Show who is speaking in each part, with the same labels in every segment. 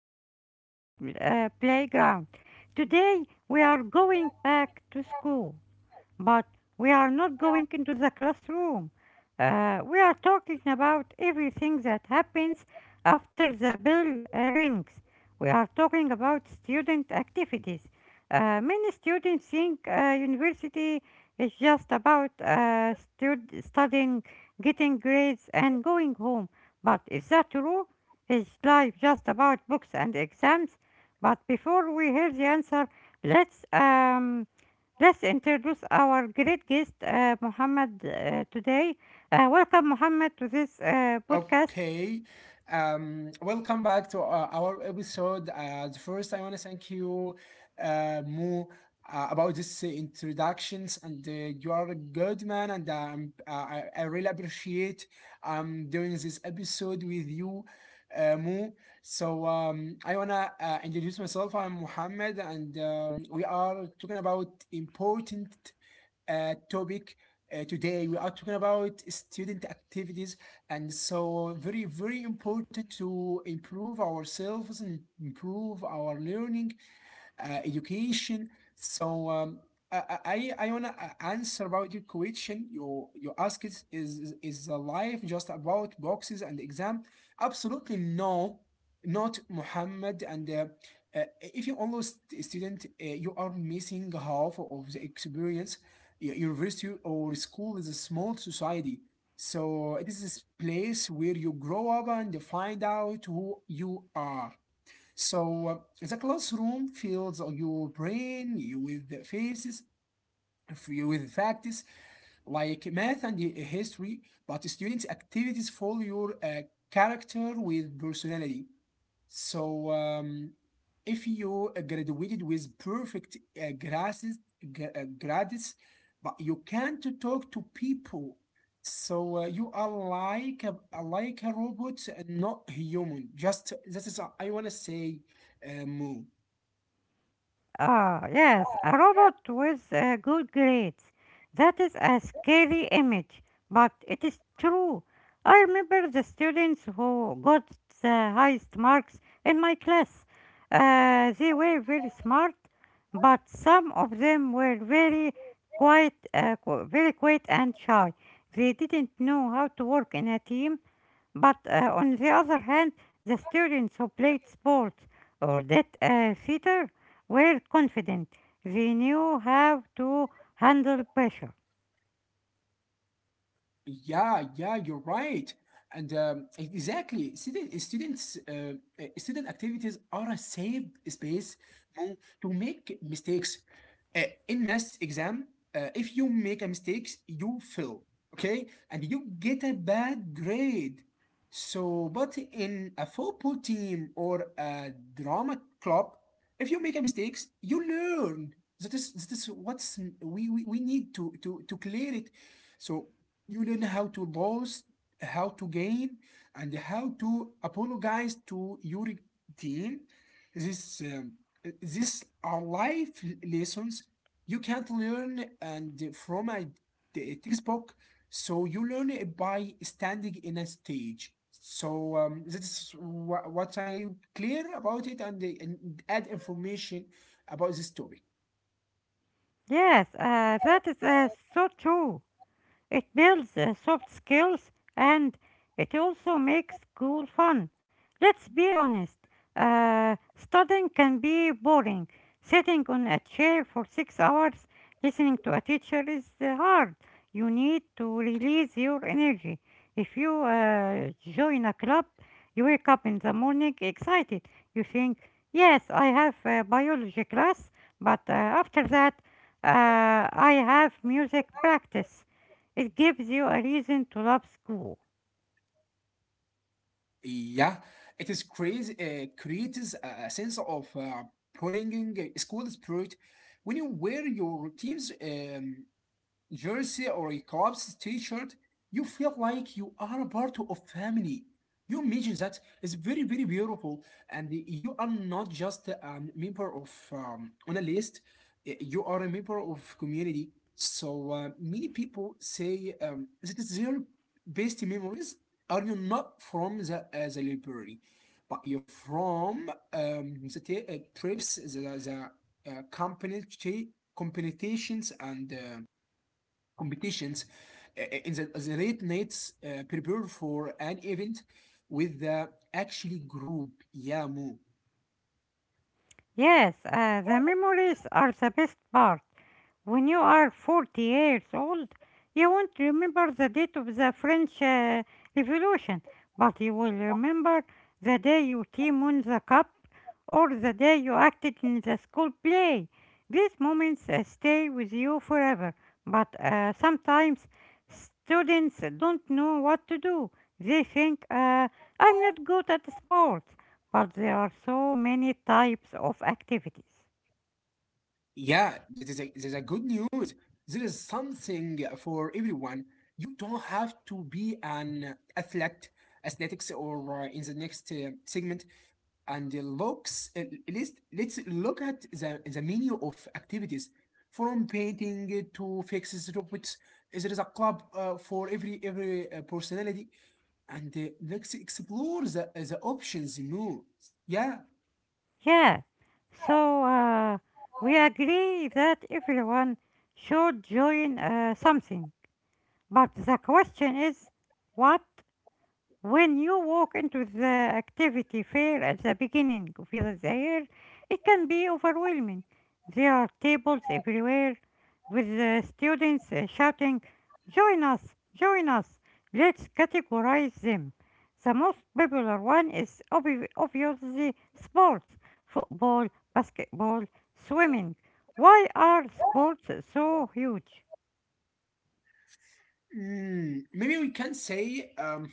Speaker 1: to the Model Playground. Today we are going back to school. But we are not going into the classroom. We are talking about everything that happens after the bell rings. We are talking about student activities. Many students think university is just about studying, getting grades, and going home. But is that true? Is life just about books and exams? But before we hear the answer, let's um, Let's introduce our great guest, Muhammad, today. Welcome, Muhammad, to this podcast.
Speaker 2: Okay. Welcome back to our episode. The first, I want to thank you, Mo, about this introductions. And you are a good man, and I really appreciate doing this episode with you, Mo. So, I want to introduce myself. I'm Mohammed, and we are talking about important topic. Today we are talking about student activities, and so very very important to improve ourselves and improve our learning education. So, I wanna answer about your question. You ask is the life just about boxes and exam? Absolutely no, not Muhammad. And if you only student, you are missing half of the experience. University or school is a small society. So it is this place where you grow up and find out who you are. So, the classroom fills your brain with faces, with facts like math and history, but student activities fill your character with personality. So, if you graduated with perfect grades, gra- uh, grades, but you can't talk to people, so you are like a robot, and not human. Just that is I want to say move.
Speaker 1: Ah, yes, a robot with good grades. That is a scary image, but it is true. I remember the students who got the highest marks in my class. They were very smart, but some of them were very very quiet and shy. They didn't know how to work in a team but on the other hand, the students who played sports or did theater were confident. They knew how to handle pressure.
Speaker 2: Yeah, yeah, you're right. Exactly, student activities are a safe space to, to make mistakes. Uh, in math exam, if you make a mistake, you fail, okay? And you get a bad grade. So, but in a football team or a drama club, if you make a mistakes, you learn. That is what's we need to clear it. So you learn how to lose, how to gain, and how to apologize to your team. This, um, these are life lessons you can't learn and from a textbook. So you learn it by standing in a stage. So, that's what I clear about it and add information about this topic.
Speaker 1: Yes, that is so true. It builds soft skills and it also makes school fun. Let's be honest, studying can be boring. Sitting on a chair for 6 hours listening to a teacher is hard. You need to release your energy. If you join a club, you wake up in the morning excited. You think, yes, I have a biology class, but after that, I have music practice. It gives you a reason to love school.
Speaker 2: Yeah, it is crazy. Creates a sense of prolonging school spirit. When you wear your team's jersey or a club's t-shirt, you feel like you are a part of family. You imagine that is very very beautiful, and you are not just a member of on a list. You are a member of community. So, many people say that is their best memories are you not from the the library, but you're from the trips, the company competitions and. Competitions in the late nights prepare for an event with the actually group Yamu.
Speaker 1: Yes, the memories are the best part. When you are 40 years old, you won't remember the date of the French Revolution, but you will remember the day you team won the cup or the day you acted in the school play. These moments stay with you forever, but sometimes students don't know what to do. They think, I'm not good at sports, but there are so many types of activities.
Speaker 2: Yeah, that is a good news. There is something for everyone. You don't have to be an athlete, athletics, or in the next segment. And the looks, let's look at the menu of activities from painting to fixes robots. There is a club for every personality, and let's explore the options more. Yeah.
Speaker 1: Yeah, so we agree that everyone should join something, but the question is what? When you walk into the activity fair at the beginning of the year, it can be overwhelming. There are tables everywhere with the students shouting, Join us! Join us! Let's categorize them. The most popular one is obviously sports, football, basketball, swimming. Why are sports so huge?
Speaker 2: Maybe we can say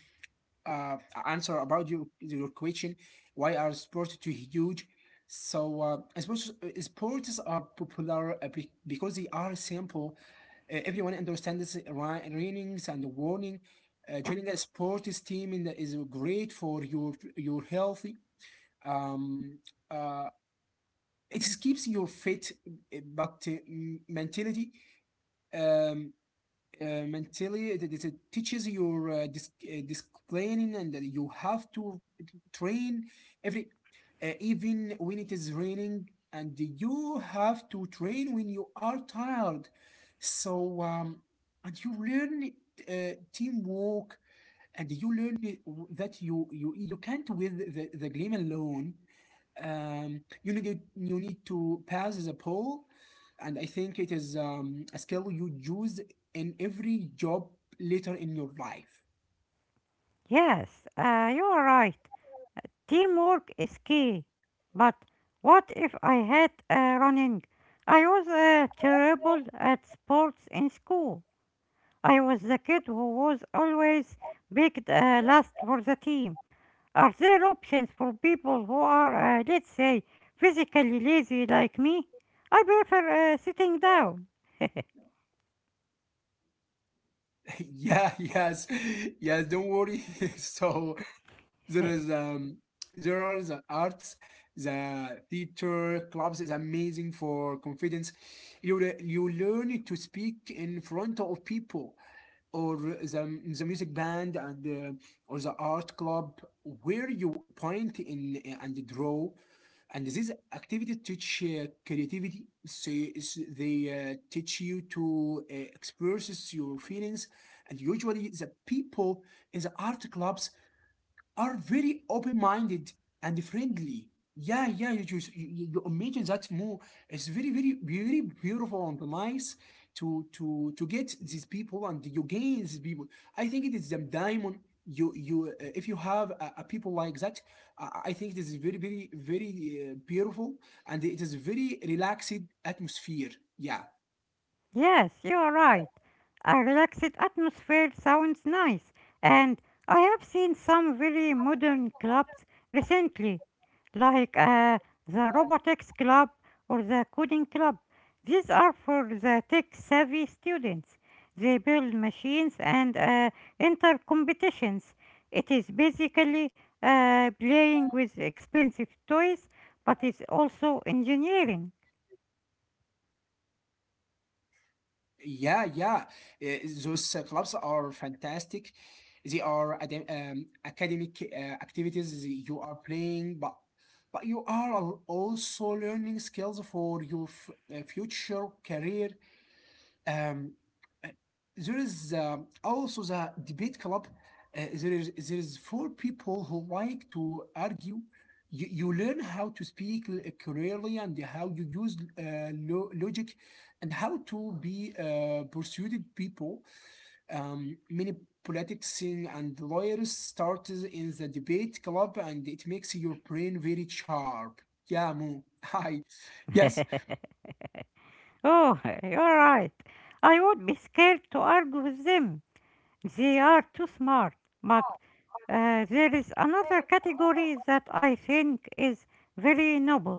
Speaker 2: uh answer about your question, why are sports too huge? So, sports are popular because they are simple. Everyone understands runnings and warning. Joining a sports team is great for your healthy. Um uh it keeps your fit, but mentality. Um, uh, mentally it teaches your disciplining, and that you have to train every even when it is raining, and you have to train when you are tired. So, and you learn teamwork, and you learn that you can't with the game alone. You need to pass the poll, and I think it is a skill you use in every job later in your life.
Speaker 1: Yes, you are right. Teamwork is key. But what if I had running? I was terrible at sports in school. I was the kid who was always picked last for the team. Are there options for people who are, let's say, physically lazy like me? I prefer sitting down.
Speaker 2: Yeah, yes, yes. Don't worry. so there
Speaker 1: H-
Speaker 2: is um there are the arts, the theater clubs is amazing for confidence. You learn to speak in front of people, or the music band, and or the art club where you point in and draw, and this activity teach creativity. They teach you to express your feelings, and usually the people in the art clubs are very open-minded and friendly. Yeah, yeah, you just you imagine that more. It's very, very, very beautiful and nice to get these people, and you gain these people. I think it is the diamond. You If you have a people like that, I think this is very, very, very beautiful, and it is very relaxed atmosphere. Yeah,
Speaker 1: Yes, you are right. A relaxed atmosphere sounds nice, and I have seen some very modern clubs recently, like the Robotics Club or the Coding Club. These are for the tech savvy students. They build machines and enter competitions. It is basically playing with expensive toys, but it's also engineering.
Speaker 2: yeah, yeah. Those clubs are fantastic. They are academic activities that you are playing, but you are also learning skills for your future career. Um, uh, there is also the debate club. There is four people who like to argue. You learn how to speak clearly, and how you use logic, and how to be persuaded people. Many politics and lawyers started in the debate club, and it makes your brain very sharp. Yeah, Mo. Hi. Yes.
Speaker 1: Oh, you're right. I would be scared to argue with them. They are too smart. But there is another category that I think is very noble,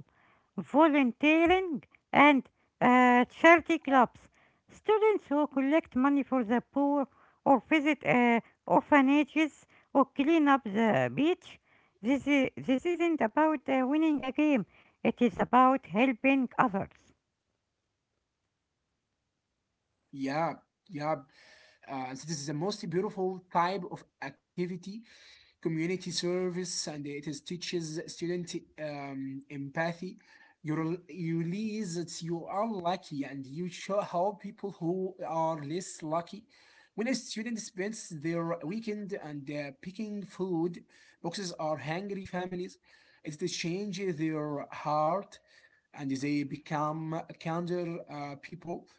Speaker 1: volunteering and charity clubs. Students who collect money for the poor or visit orphanages or clean up the beach. This isn't about winning a game, it is about helping others.
Speaker 2: Yeah. Yeah. So this is the most beautiful type of activity, community service, and it is teaches student empathy. You realize that you are lucky, and you show how people who are less lucky. When a student spends their weekend and picking food boxes are hungry families, it changes their heart, and they become kinder people.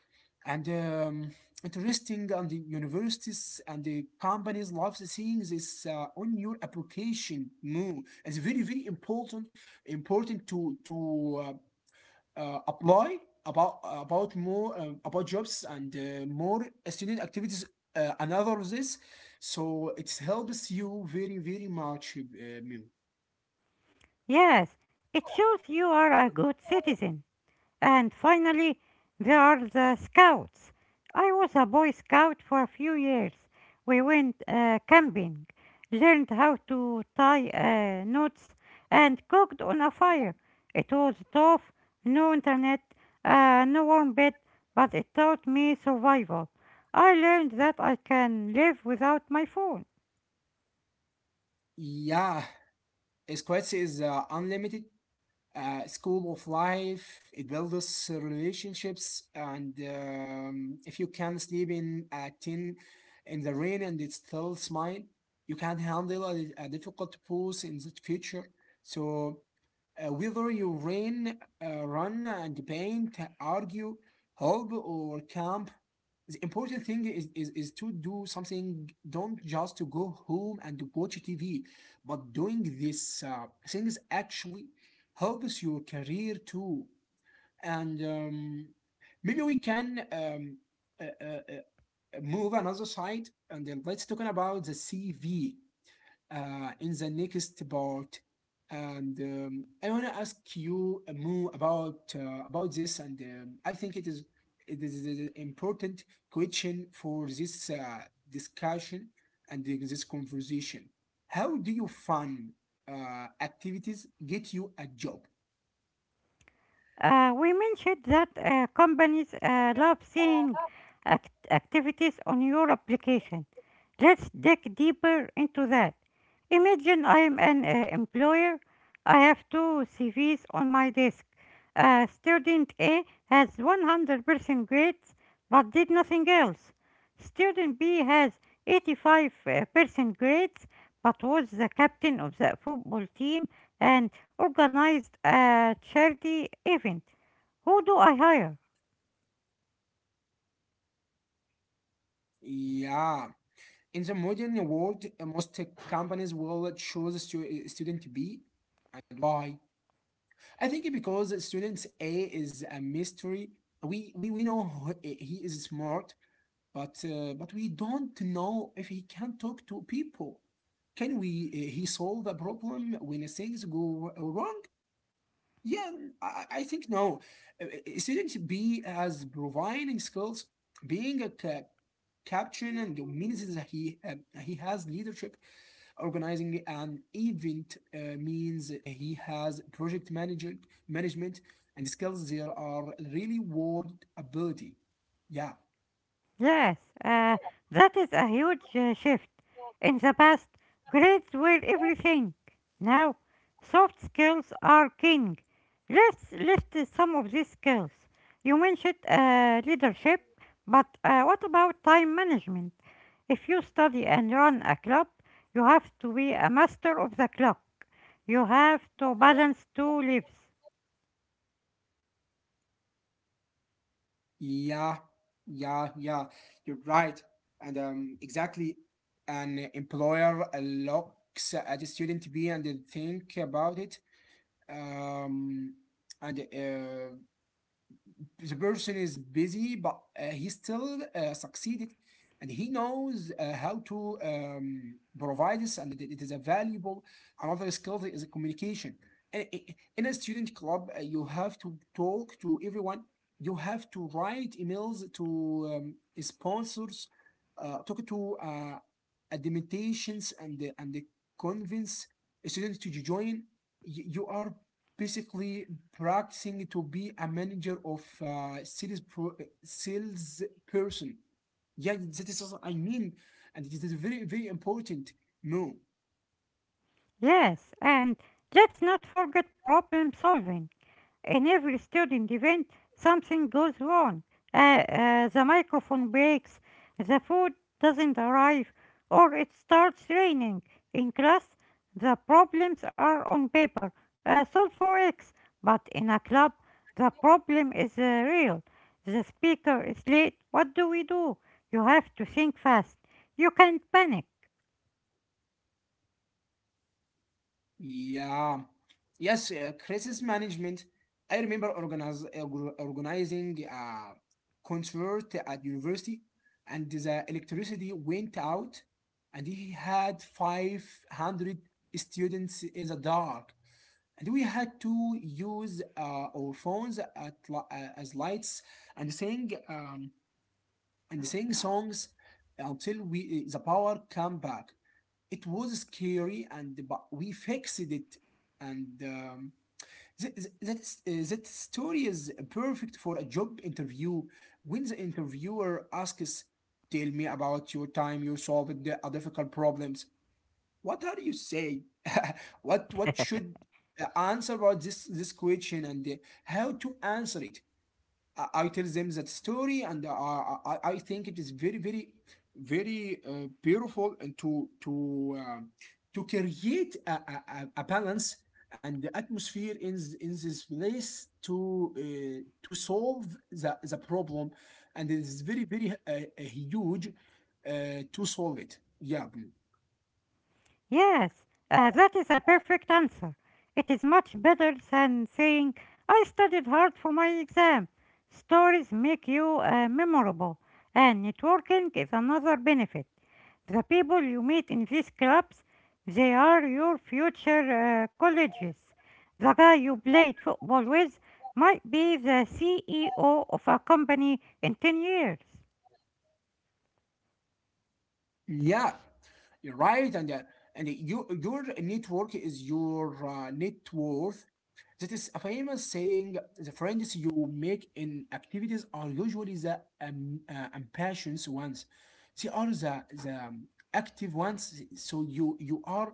Speaker 2: And interesting, and the universities and the companies love seeing this on your application more. It's very, very important, important to apply about more about jobs, and more student activities. Another of this, so it helps you very, very much, Mim.
Speaker 1: Yes, it shows you are a good citizen. And finally, there are the scouts. I was a boy scout for a few years. We went camping, learned how to tie knots, and cooked on a fire. It was tough, no internet, no warm bed, but it taught me survival. I learned that I can live without my phone.
Speaker 2: Yeah, Squads is unlimited school of life. It builds relationships. And if you can sleep in at 10 in the rain and it's still smile, you can handle a difficult pose in the future. So, whether you rain, run and paint, argue, hope or camp, the important thing is to do something. Don't just to go home and to watch TV, but doing these things actually helps your career too. And maybe we can uh, uh, uh, move another side, and then let's talk about the CV in the next part. And I want to ask you more about this, and I think it is an important question for this discussion and this conversation. How do you find activities get you a job?
Speaker 1: We mentioned that companies love seeing activities on your application. Let's dig deeper into that. Imagine I'm an employer. I have two CVs on my desk. Student A has 100% grades but did nothing else. Student B has 85% grades but was the captain of the football team and organized a charity event. Who do I hire?
Speaker 2: Yeah, in the modern world, most companies will choose student B. And why? I think because students A is a mystery. We know he is smart, but we don't know if he can talk to people. Can we he solve a problem when things go wrong? Yeah, I think no. Student B has providing skills. Being a captain and means that he has leadership. Organizing an event means he has project manager management, and skills there are really world ability. Yeah.
Speaker 1: Yes, uh, that is a huge shift. In the past, grades were everything. Now, soft skills are king. Let's list some of these skills. You mentioned leadership, but what about time management? If you study and run a club, you have to be a master of the clock. You have to balance two lives.
Speaker 2: Yeah yeah yeah you're right. And exactly, an employer looks at a student B and they think about it. Um and uh, the person is busy, but he still succeeded, and he knows how to provide this, and it is a valuable. Another skill is communication. In a student club, you have to talk to everyone. You have to write emails to um, sponsors, talk to and convince students to join. You are basically practicing to be a manager of sales person. Yeah, that is what I mean, and it is very very important. No,
Speaker 1: Yes, and let's not forget problem solving. In every student event, something goes wrong. The microphone breaks, the food doesn't arrive, or it starts raining. In class, the problems are on paper, solve for X, but in a club, the problem is real. The speaker is late. What do we do? You have to think fast. You can't panic.
Speaker 2: yeah, yes, crisis management. I remember organizing a concert at university, and the electricity went out, and he had 500 students in the dark. And we had to use our phones at as lights, and sing songs until we the power came back. It was scary, and but we fixed it. And th- th- that story is perfect for a job interview. When the interviewer asks, "Tell me about your time you solved a difficult problems," what are you say what should answer about this question and how to answer it. I tell them that story and I think it is very beautiful and um, to create a balance and the atmosphere in in this place to solve the problem, and it is very huge uh, to solve it, yeah Blue.
Speaker 1: Yes, that is a perfect answer. It is much better than saying, I studied hard for my exam. Stories make you memorable, and networking is another benefit. The people you meet in these clubs, they are your future colleges. The guy you played football with might be the CEO of a company in 10 years.
Speaker 2: Yeah, you're right, and your network is your net worth. That is a famous saying. The friends you make in activities are usually the impatient ones. They are the active ones. So you are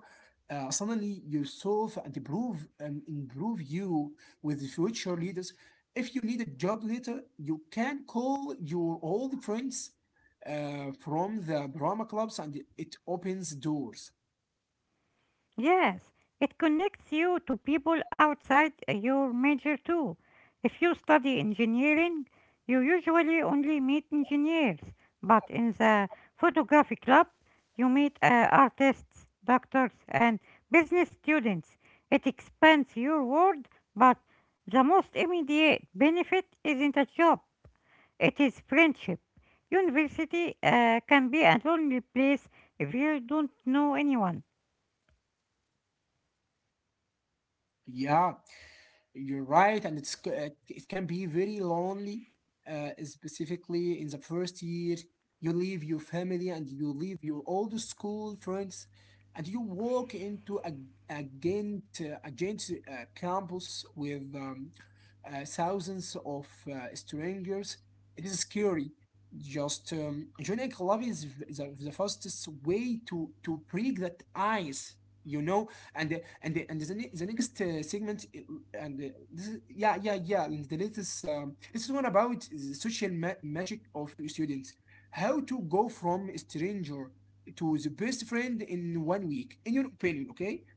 Speaker 2: suddenly yourself and improve you with the future leaders. If you need a job later, you can call your old friends from the drama clubs, and it opens doors.
Speaker 1: Yes, it connects you to people outside your major too. If you study engineering, you usually only meet engineers, but in the photography club, you meet artists, doctors, and business students. It expands your world, but the most immediate benefit isn't a job, it is friendship. University can be a lonely place if you don't know anyone.
Speaker 2: Yeah, you're right, and it can be very lonely, specifically in the first year. You leave your family and you leave your old school friends, and you walk into a agent agent campus with thousands of strangers. It is scary. Just joining a club is the fastest way to break that ice, you know. The next segment, and this is, yeah yeah yeah and the latest this is one about the social magic of students, how to go from stranger to the best friend in 1 week in your opinion. Okay,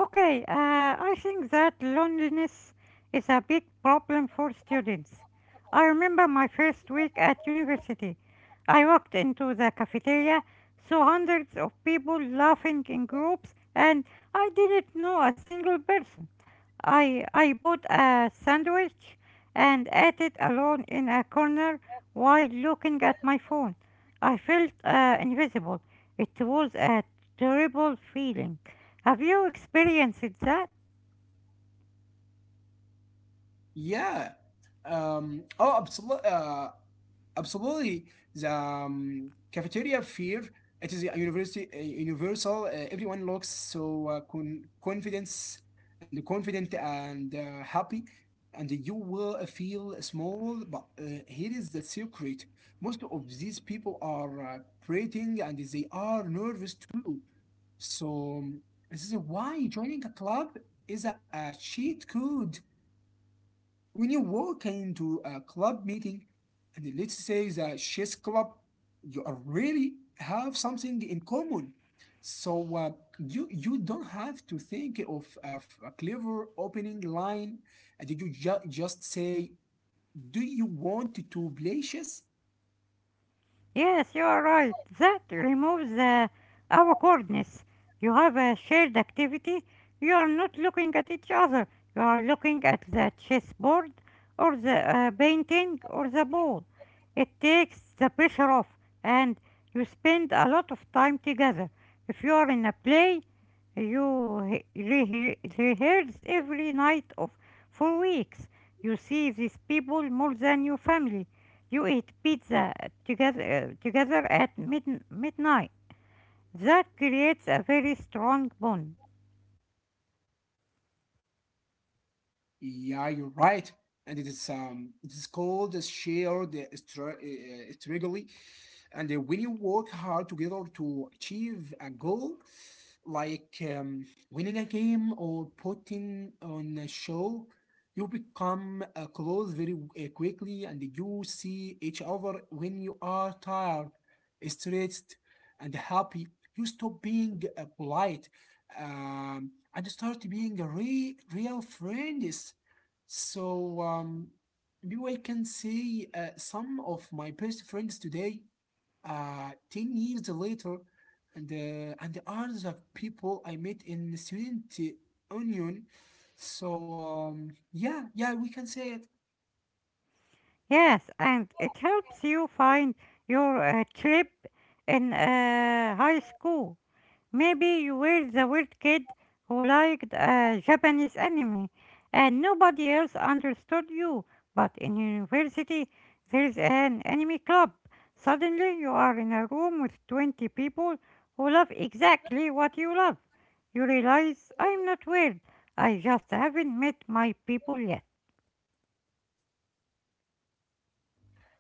Speaker 1: Okay, I think that loneliness is a big problem for students. I remember my first week at university. I walked into the cafeteria, saw hundreds of people laughing in groups, and I didn't know a single person. I bought a sandwich and ate it alone in a corner while looking at my phone. I felt invisible. It was a terrible feeling. Have you experienced that?
Speaker 2: yeah um oh absolutely uh absolutely, the cafeteria fear. It is a universal. Everyone looks so confidence and confident and happy, and you will feel small. But here is the secret: most of these people are prating and they are nervous too. So um, this is why joining a club is a cheat code. When you walk into a club meeting, and let's say the chess club, you are really have something in common. So uh, you you don't have to think of a clever opening line, and you just say, do you want to play chess?
Speaker 1: Yes, you are right. That removes awkwardness. You have a shared activity. You are not looking at each other. You are looking at the chessboard or the painting or the ball. It takes the pressure off and you spend a lot of time together. If you are in a play, you rehearse every night of for weeks. You see these people more than your family. You eat pizza together, at midnight. That creates a very strong bond.
Speaker 2: Yeah, you're right. And it is called a shared strategy. And when you work hard together to achieve a goal, like winning a game or putting on a show, you become close very quickly, and you see each other when you are tired, stressed, and happy. You stop being polite and start being a real friends. So maybe I can say some of my best friends today, 10 years later, and are the others of people I met in the student union. So yeah, yeah, we can say it.
Speaker 1: Yes, and it helps you find your trip in high school. Maybe you were the weird kid who liked a Japanese anime and nobody else understood you. But in university, there's an anime club. Suddenly, you are in a room with 20 people who love exactly what you love. You realize I'm not weird. I just haven't met my people yet.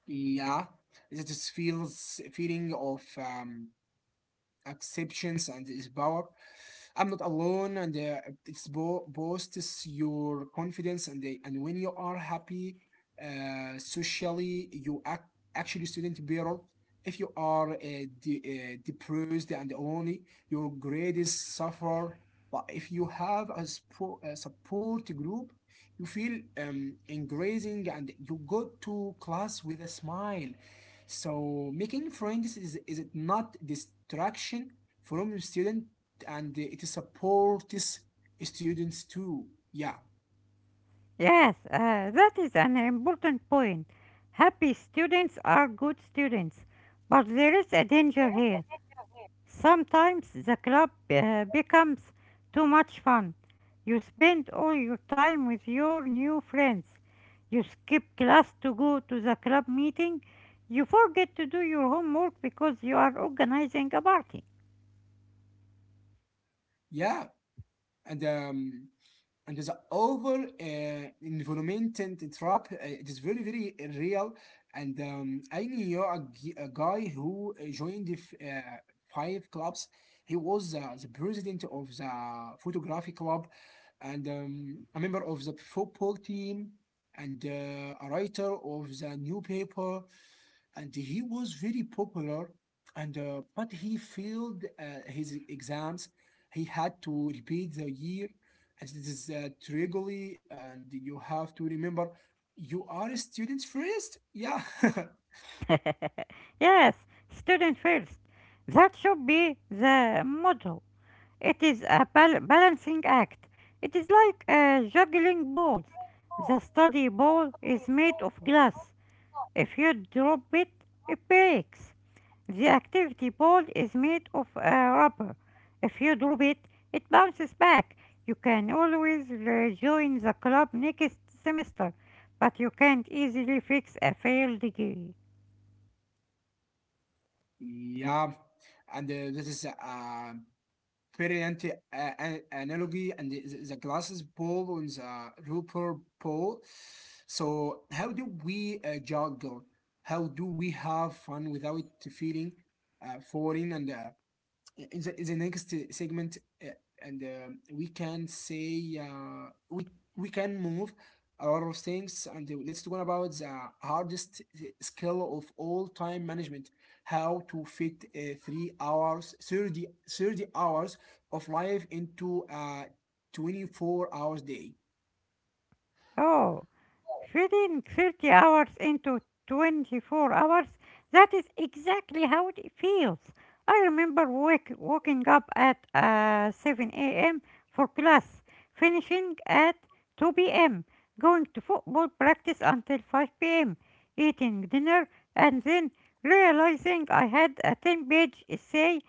Speaker 2: Yeah, that is feels feeling of acceptance and is power. I'm not alone, and it's boosts your confidence. And when you are happy socially, you act actually student better. If you are depressed, and only your grades suffer, but if you have a support group, you feel engaging and you go to class with a smile. So making friends is it not distraction from your student, and it supports students too. Yeah,
Speaker 1: Yes, that is an important point. Happy students are good students. But there is a danger here. Sometimes the club becomes too much fun. You spend all your time with your new friends. You skip class to go to the club meeting. You forget to do your homework because you are organizing a party.
Speaker 2: yeah, and um, and the overall environment and trap, it is very very real. And I knew a guy who joined uh, five clubs. He was the president of the photography club, and a member of the football team, and a writer of the newspaper, and he was very popular, and but he failed his exams. He had to repeat the year, and this is regularly, and you have to remember you are a student first, yeah.
Speaker 1: Yes, student first. That should be the motto. It is a balancing act. It is like juggling balls. The study ball is made of glass. If you drop it, it breaks. The activity ball is made of rubber. If you drop it, it bounces back. You can always rejoin the club next semester, but you can't easily fix a failed degree.
Speaker 2: Yeah, and this is a brilliant analogy, the glasses ball on the rubber ball. So, how do we juggle? How do we have fun without feeling foreign and in the next segment, uh, and we can say we can move a lot of things, and let's talk about the hardest skill of all, time management, how to fit 3 hours 30 hours of life into a 24 hours day.
Speaker 1: Oh. Feeding 30 hours into 24 hours, that is exactly how it feels. I remember waking up at 7 a.m. for class, finishing at 2 p.m., going to football practice until 5 p.m., eating dinner, and then realizing I had a 10-page essay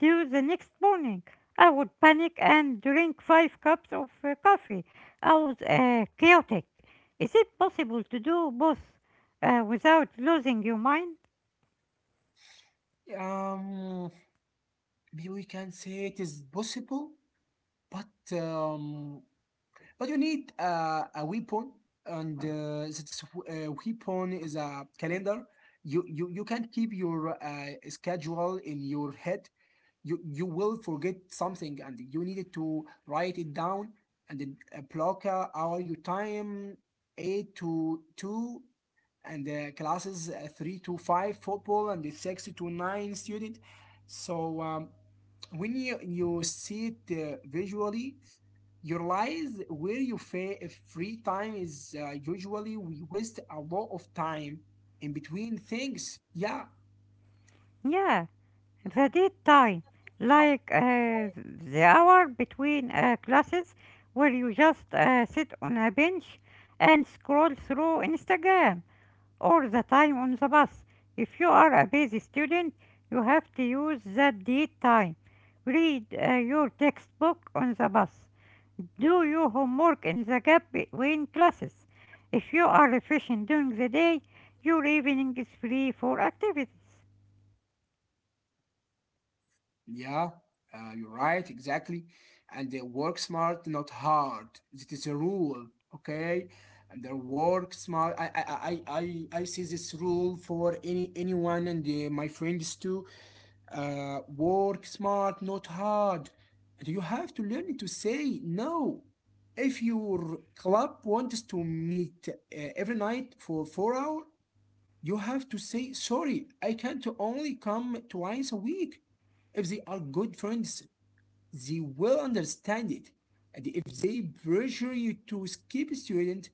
Speaker 1: due the next morning. I would panic and drink five cups of coffee. I was chaotic. Is it possible to do both without losing your mind?
Speaker 2: um Maybe we can say it is possible, but um but you need a weapon, and this weapon is a calendar. You can't keep your schedule in your head. You will forget something, and you needed to write it down, and then, block out your time: eight to two and the classes, 3 to 5 football, and the 6 to 9 student. So when you see it visually, you realize where your free time is. Usually we waste a lot of time in between things, yeah.
Speaker 1: Yeah, the daytime, like the hour between classes where you just sit on a bench and scroll through Instagram, or the time on the bus. If you are a busy student, you have to use that daytime. Read your textbook on the bus. Do your homework in the gap between classes. If you are efficient during the day, your evening is free for activities.
Speaker 2: Yeah, you're right, exactly. And they work smart, not hard. It is a rule, okay? And they work smart. I see this rule for anyone and my friends too. Work smart, not hard. And you have to learn to say no. If your club wants to meet every night for 4 hours, you have to say sorry. I can't, only come twice a week. If they are good friends, they will understand it. And if they pressure you to skip student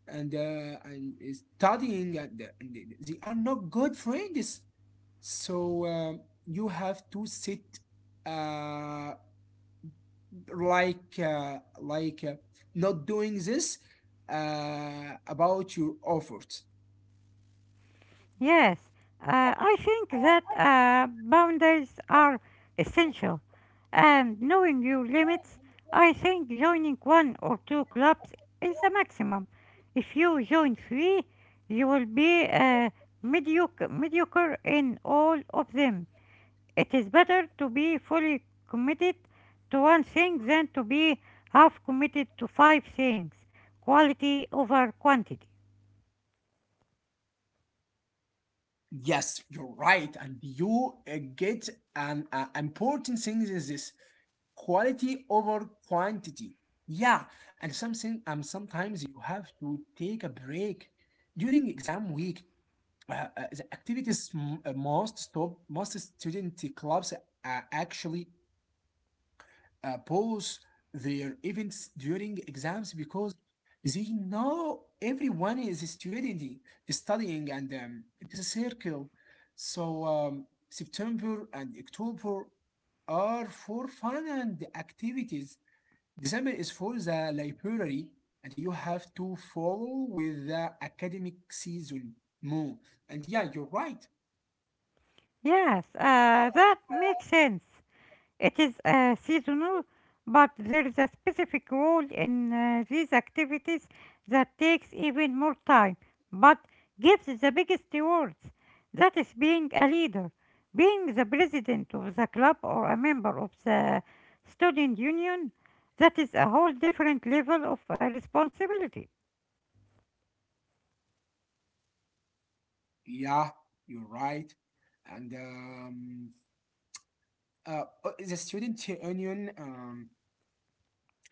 Speaker 2: and studying, and they are not good friends. So you have to sit uh, like uh, like uh, not doing this about your efforts.
Speaker 1: Yes, I think that boundaries are essential, and knowing your limits, I think joining one or two clubs is the maximum. If you join three, you will be mediocre in all of them. It is better to be fully committed to one thing than to be half committed to five things. Quality over quantity.
Speaker 2: Yes, you're right, and you get an important thing is this quality over quantity. Yeah, and something sometimes you have to take a break during exam week. The activities most stop most student clubs actually pause their events during exams because they know everyone is studying, and it's a circle. So September and October are for fun and activities. December is for the library, and you have to follow with the academic season more. And yeah, you're right.
Speaker 1: Yes, that makes sense. It is seasonal, but there is a specific role in these activities that takes even more time, but gives the biggest rewards. That is being a leader, being the president of the club or a member of the student union. That is a whole different level of responsibility.
Speaker 2: Yeah, you're right. And The student union,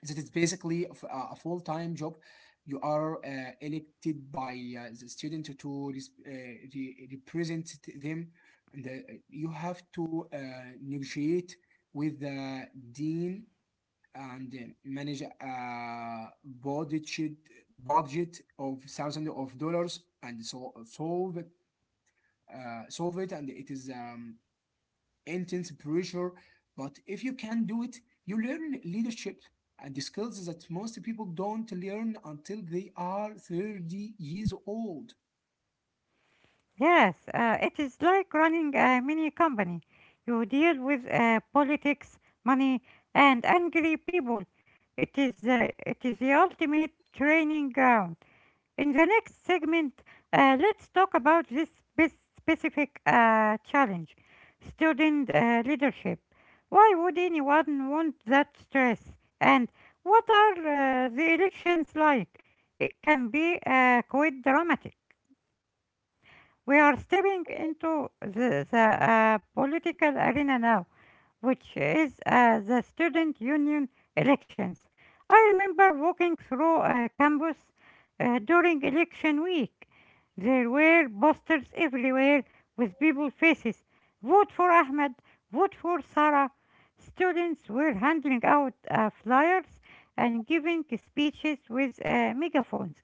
Speaker 2: that is basically a full-time job. You are elected by the student to represent them, and you have to negotiate with the dean, and manage a budget budget of thousands of dollars, and so solve it, solve it. And it is intense pressure, but if you can do it, you learn leadership and the skills that most people don't learn until they are 30 years old.
Speaker 1: Yes, it is like running a mini company. You deal with politics, money, and angry people. It is the ultimate training ground. In the next segment, let's talk about this specific challenge: student leadership. Why would anyone want that stress? And what are the elections like? It can be quite dramatic. We are stepping into the political arena now, which is the student union elections. I remember walking through a campus during election week. There were posters everywhere with people faces. Vote for Ahmed, vote for Sarah. Students were handing out flyers and giving speeches with megaphones.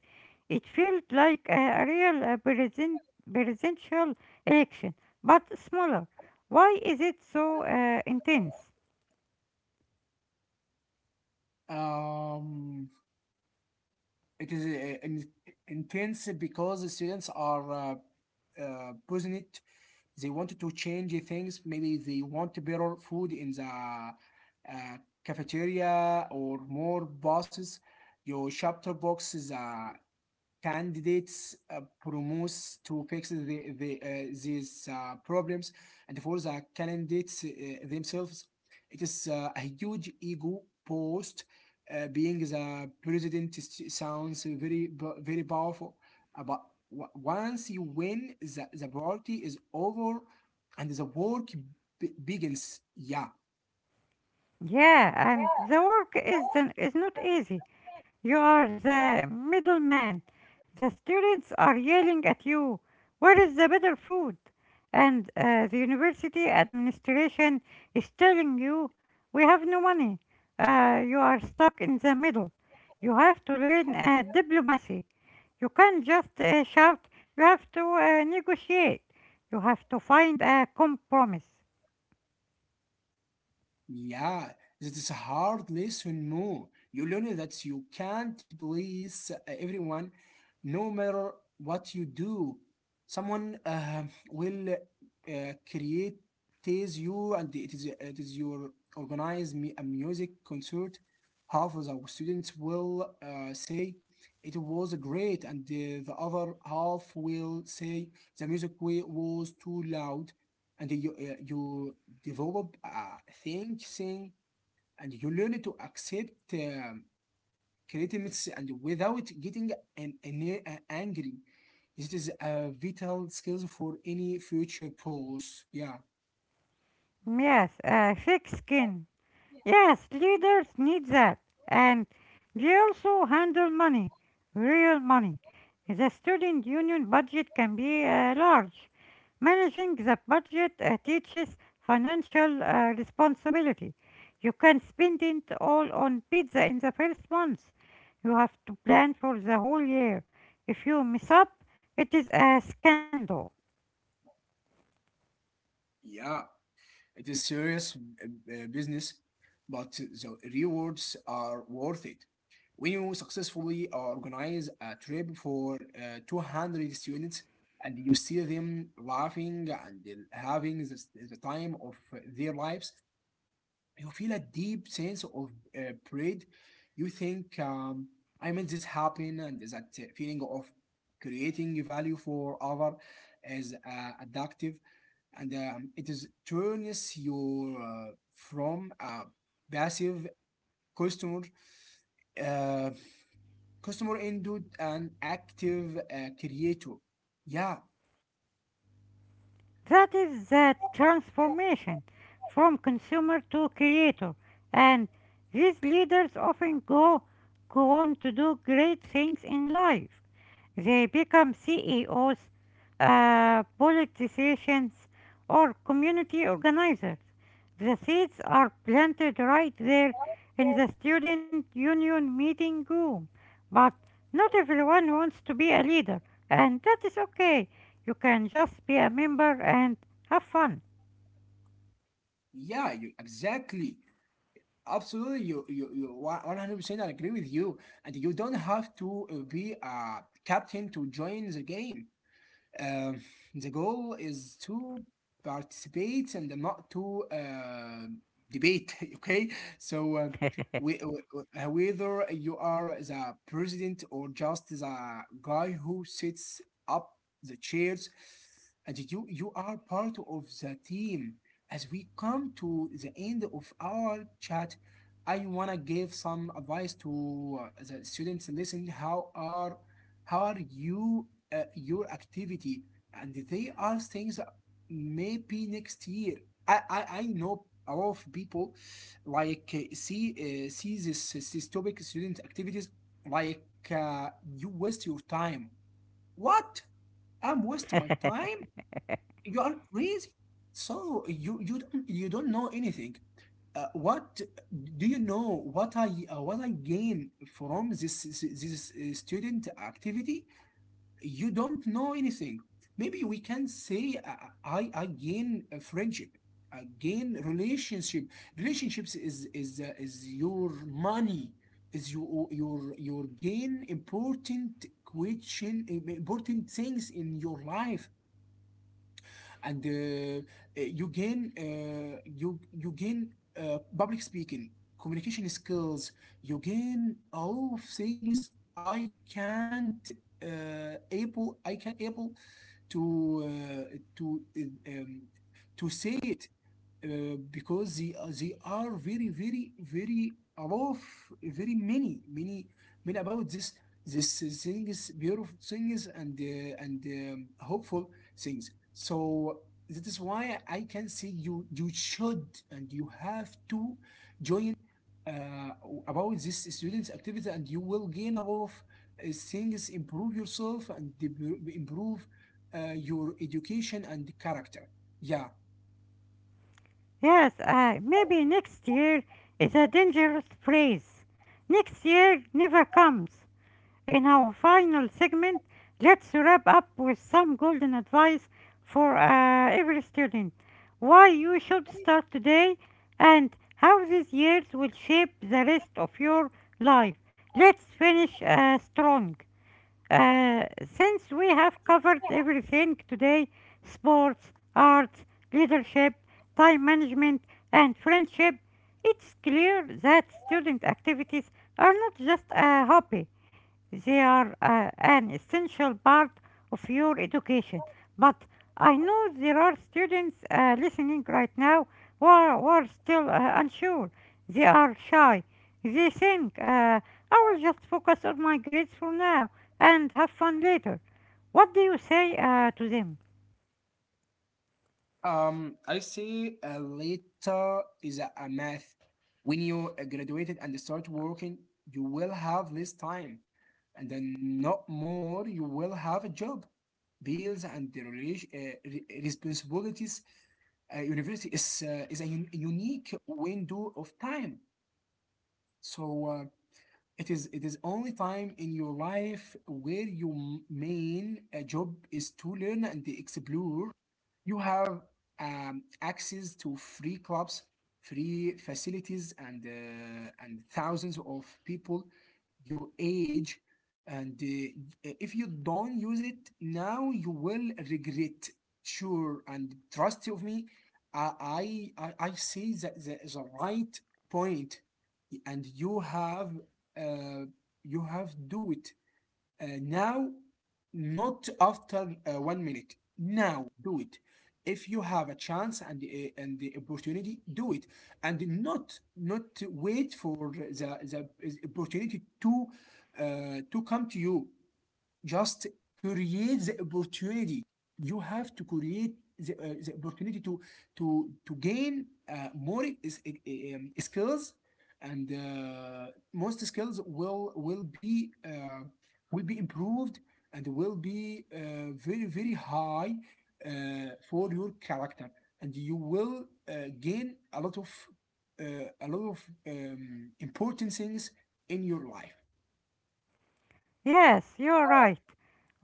Speaker 1: It felt like a real presidential election, but smaller. Why is it so intense?
Speaker 2: um, it is intense because the students are present. They wanted to change things. Maybe they want better food in the cafeteria or more buses. Your chapter box is a candidates promotes to fix these problems. And for the candidates themselves, it is a huge ego post. Being the president is, sounds very very powerful. But once you win, the party is over, and the work begins, yeah.
Speaker 1: Yeah, and the work is not easy. You are the middleman. The students are yelling at you. Where is the better food? And the university administration is telling you, we have no money. You are stuck in the middle. You have to learn diplomacy. You can't just shout. You have to negotiate. You have to find a compromise.
Speaker 2: Yeah, this is a hard lesson, no. You learn that you can't please everyone, no matter what you do. Someone will create you, and it is your organize me a music concert. Half of the students will say it was great, and the other half will say the music was too loud, and you develop thinking, and you learn to accept criticisms and without getting angry. It is a vital skill for any future pros. Yeah,
Speaker 1: Yes, a thick skin. Yes, leaders need that. And they also handle money, real money. The student union budget can be large. Managing the budget teaches financial responsibility. You can spend it all on pizza in the first month. You have to plan for the whole year. If you mess up, it is a scandal.
Speaker 2: yeah, it is serious business, but the rewards are worth it. When you successfully organize a trip for 200 students and you see them laughing and having the time of their lives, you feel a deep sense of pride. You think, I made this happen, and that feeling of creating value for other is addictive, and it is turns you from a passive customer, uh, customer into an active creator. Yeah,
Speaker 1: That is the transformation from consumer to creator. And these leaders often go on to do great things in life. They become CEOs, politicians, or community organizers. The seeds are planted right there in the student union meeting room. But not everyone wants to be a leader, and that is okay. You can just be a member and have fun.
Speaker 2: yeah, you exactly. Absolutely, you 100%. I agree with you, and you don't have to be a captain to join the game. Um, the goal is to participate and not to debate. Okay, so uh, we, uh, whether you are the president or just the guy who sits up the chairs, and you are part of the team. As we come to the end of our chat, I wanna give some advice to the students. Listen, how are you your activity and they are things that maybe next year I know a lot of people like see see this topic, student activities, like you waste your time. What, I'm wasting my time? You are crazy, so you don't know anything. What do you know, what I what I gain from this student activity? You don't know anything. Maybe we can say I gain a friendship, I gain relationship. Relationships is your money, is your your gain, important question, important things in your life, and you gain you gain public speaking, communication skills. You gain all of things I can't able I can able to uh, to uh, um, to say it, because they are above very many about this this things beautiful things and hopeful things, so that is why I can say you you should and you have to join uh, about this students activity, and you will gain a lot of things, improve yourself and improve your education and character, yeah.
Speaker 1: Yes, maybe next year is a dangerous phrase. Next year never comes. In our final segment, let's wrap up with some golden advice for every student. Why you should start today and how these years will shape the rest of your life. Let's finish strong. Since we have covered everything today, sports, arts, leadership, time management, and friendship, it's clear that student activities are not just a hobby. They are an essential part of your education. But I know there are students listening right now who are still unsure. They are shy. They think, I will just focus on my grades for now and have fun later. What do you say to them?
Speaker 2: I see, later is a math. When you graduated and start working, you will have less time, and then not more, you will have a job, bills, and the responsibilities. University is a unique window of time. So it is only time in your life where your main job is to learn and explore. You have access to free clubs, free facilities, and thousands of people your age. And if you don't use it now, you will regret. Sure, and trust of me, I see that there is a right point, and uh, you have do it now, not after 1 minute. Now, do it. If you have a chance and the opportunity, do it, and not wait for the opportunity to come to you, just create the opportunity. You have to create the opportunity to to gain more is, e, e, skills, and most skills will be will be improved, and will be very high for your character, and you will gain a lot of, uh, a lot of important things in your life.
Speaker 1: Yes, you're right.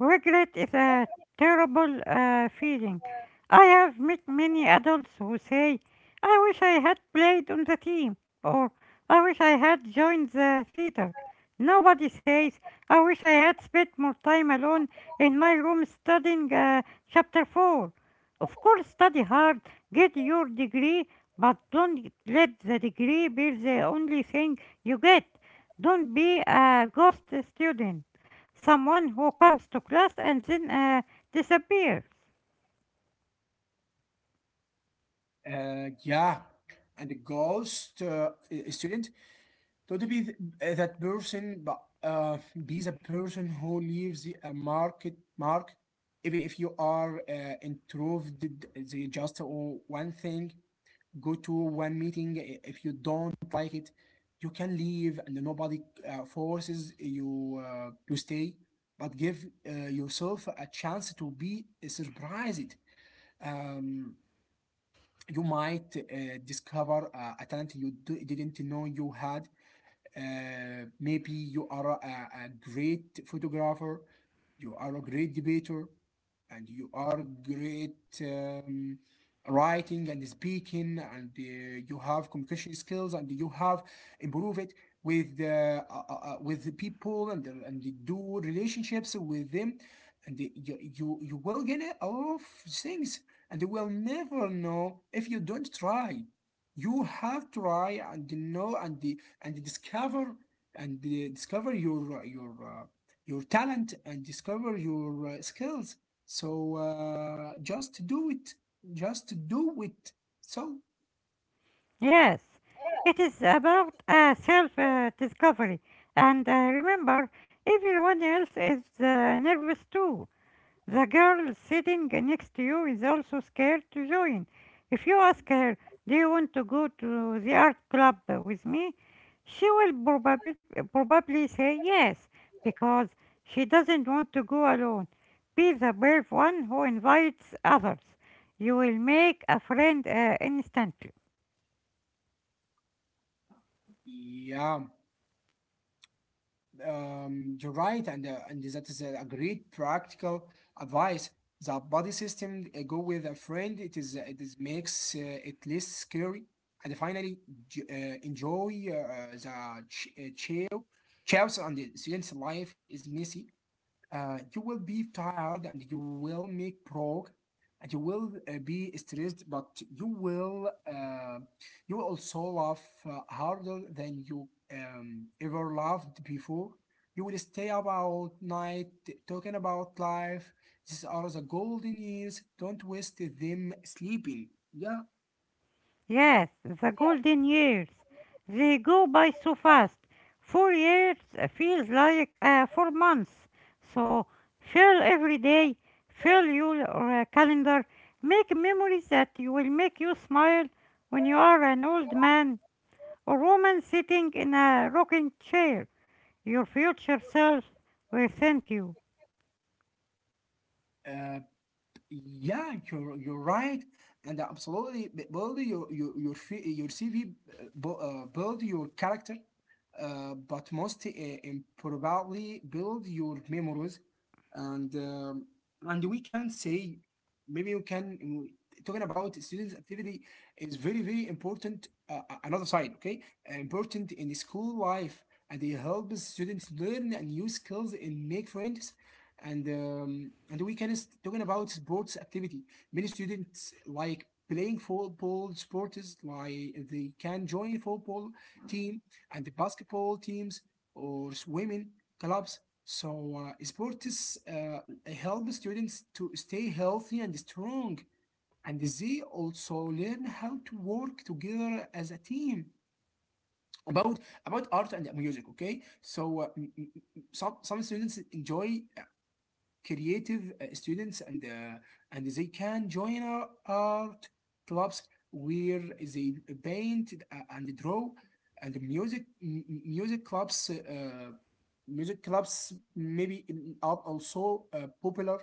Speaker 1: Regret is a terrible feeling. I have met many adults who say, I wish I had played on the team, or I wish I had joined the theater. Nobody says, I wish I had spent more time alone in my room studying chapter 4. Of course, study hard, get your degree, but don't let the degree be the only thing you get. Don't be a ghost student. Someone who comes to class and then disappears.
Speaker 2: Yeah, and the ghost student, don't be that person, but be the person who leaves a mark, even if you are introverted. They just one thing. Go to one meeting. If you don't like it, you can leave, and nobody forces you to stay. But give yourself a chance to be surprised. Um, you might discover a talent you didn't know you had, maybe you are a great photographer, you are a great debater, and you are great writing and speaking, and you have communication skills, and you have improved it with the people, and do relationships with them, and you will get a lot of things, and you will never know if you don't try. You have to try, and know, and discover, and discover your your talent, and discover your skills. So just do it, just do it, so
Speaker 1: Yes, it is about self discovery. And remember, everyone else is nervous too. The girl sitting next to you is also scared to join. If you ask her, do you want to go to the art club with me? She will probably say yes because she doesn't want to go alone. Be the brave one who invites others. You will make a friend instantly.
Speaker 2: yeah. You're right, and that is a great practical advice, the body system. Go with a friend, it is makes it less scary. And finally, enjoy the ch- chill chaos. And the student's life is messy. You will be tired, and you will make broke, and you will be stressed, but you will also laugh harder than you ever laughed before. You will stay up all night talking about life. These are the golden years. Don't waste them sleeping. Yeah.
Speaker 1: Yes, the golden years. They go by so fast. 4 years feels like 4 months. So fill every day, fill your calendar, make memories that you will make you smile when you are an old man or woman sitting in a rocking chair. Your future self will thank you.
Speaker 2: Uh, Yeah, you're right, and absolutely build your your CV, build your character, but most importantly, build your memories, and um, and we can say maybe you can talking about students' activity is very important. Another side, okay, important in the school life, and it helps students learn and new skills and make friends, and we can talking about sports activity. Many students like playing football sports, like they can join football team and basketball teams or swimming clubs. So sports help students to stay healthy and strong, and they also learn how to work together as a team. About about art and music, okay? So some students enjoy creative students, and they can join our art clubs where they paint and draw, and music clubs, maybe are also popular,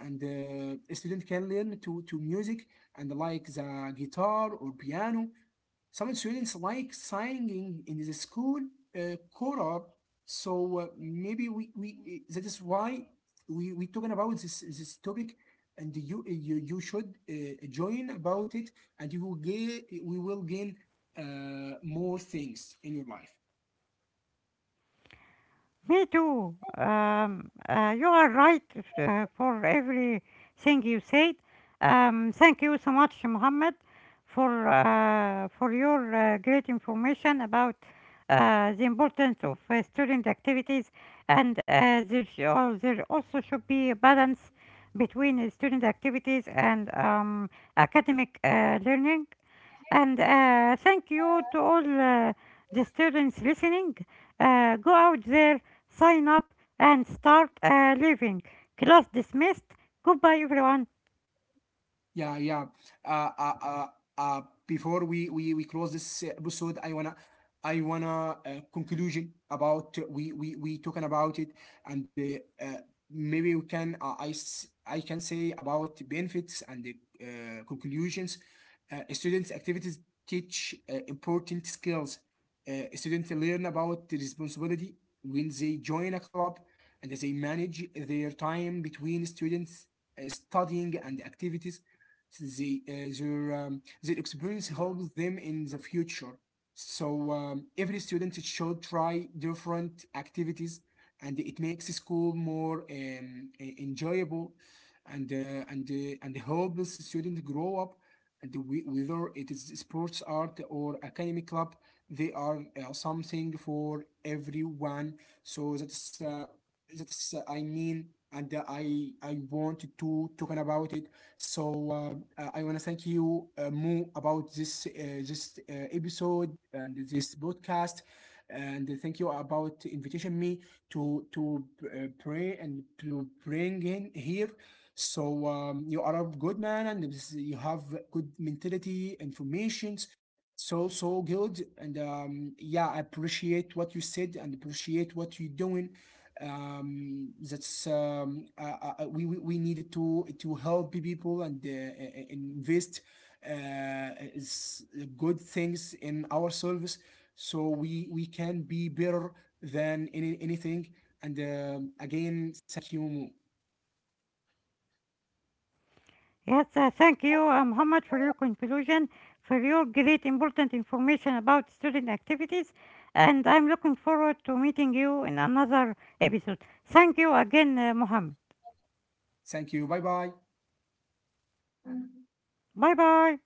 Speaker 2: and a student can learn to music, and like the guitar or piano. Some students like singing in the school choral, so we, that is why we talking about this topic, and you should join about it, and you will gain we will gain more things in your life.
Speaker 1: Me too. You are right for everything you said. Thank you so much, Mohammed, for your great information about the importance of student activities, and there also should be a balance between student activities and academic learning. And thank you to all the students listening. Go out there, sign up, and start living. Class dismissed. Goodbye, everyone.
Speaker 2: Yeah, yeah. Uh, uh, uh, uh, Before we close this episode, I wanna conclusion about we talking about it, and maybe we can, I can say about benefits and the conclusions. Students activities teach important skills. Students learn about the responsibility when they join a club, and they manage their time between students studying and activities. the, uh, their experience helps them in the future. So every student should try different activities, and it makes school more enjoyable, and helps students grow up. Whether it is sports, art, or academic club, they are something for everyone. So that's I mean, and I want to talk about it. So I want to thank you, Mo, about this episode and this podcast, and thank you about invitation me to pray and to bring in here. So you are a good man, and you have good mentality, informations. So so good, and yeah, I appreciate what you said and appreciate what you're doing. That's We needed to help people, and invest uh, is good things in our service, so we can be better than anything. And again, thank you.
Speaker 1: Yes, thank you, Muhammad, for your conclusion, for your great important information about student activities. And I'm looking forward to meeting you in another episode. Thank you again, Muhammad.
Speaker 2: Thank you, bye bye.
Speaker 1: Bye bye.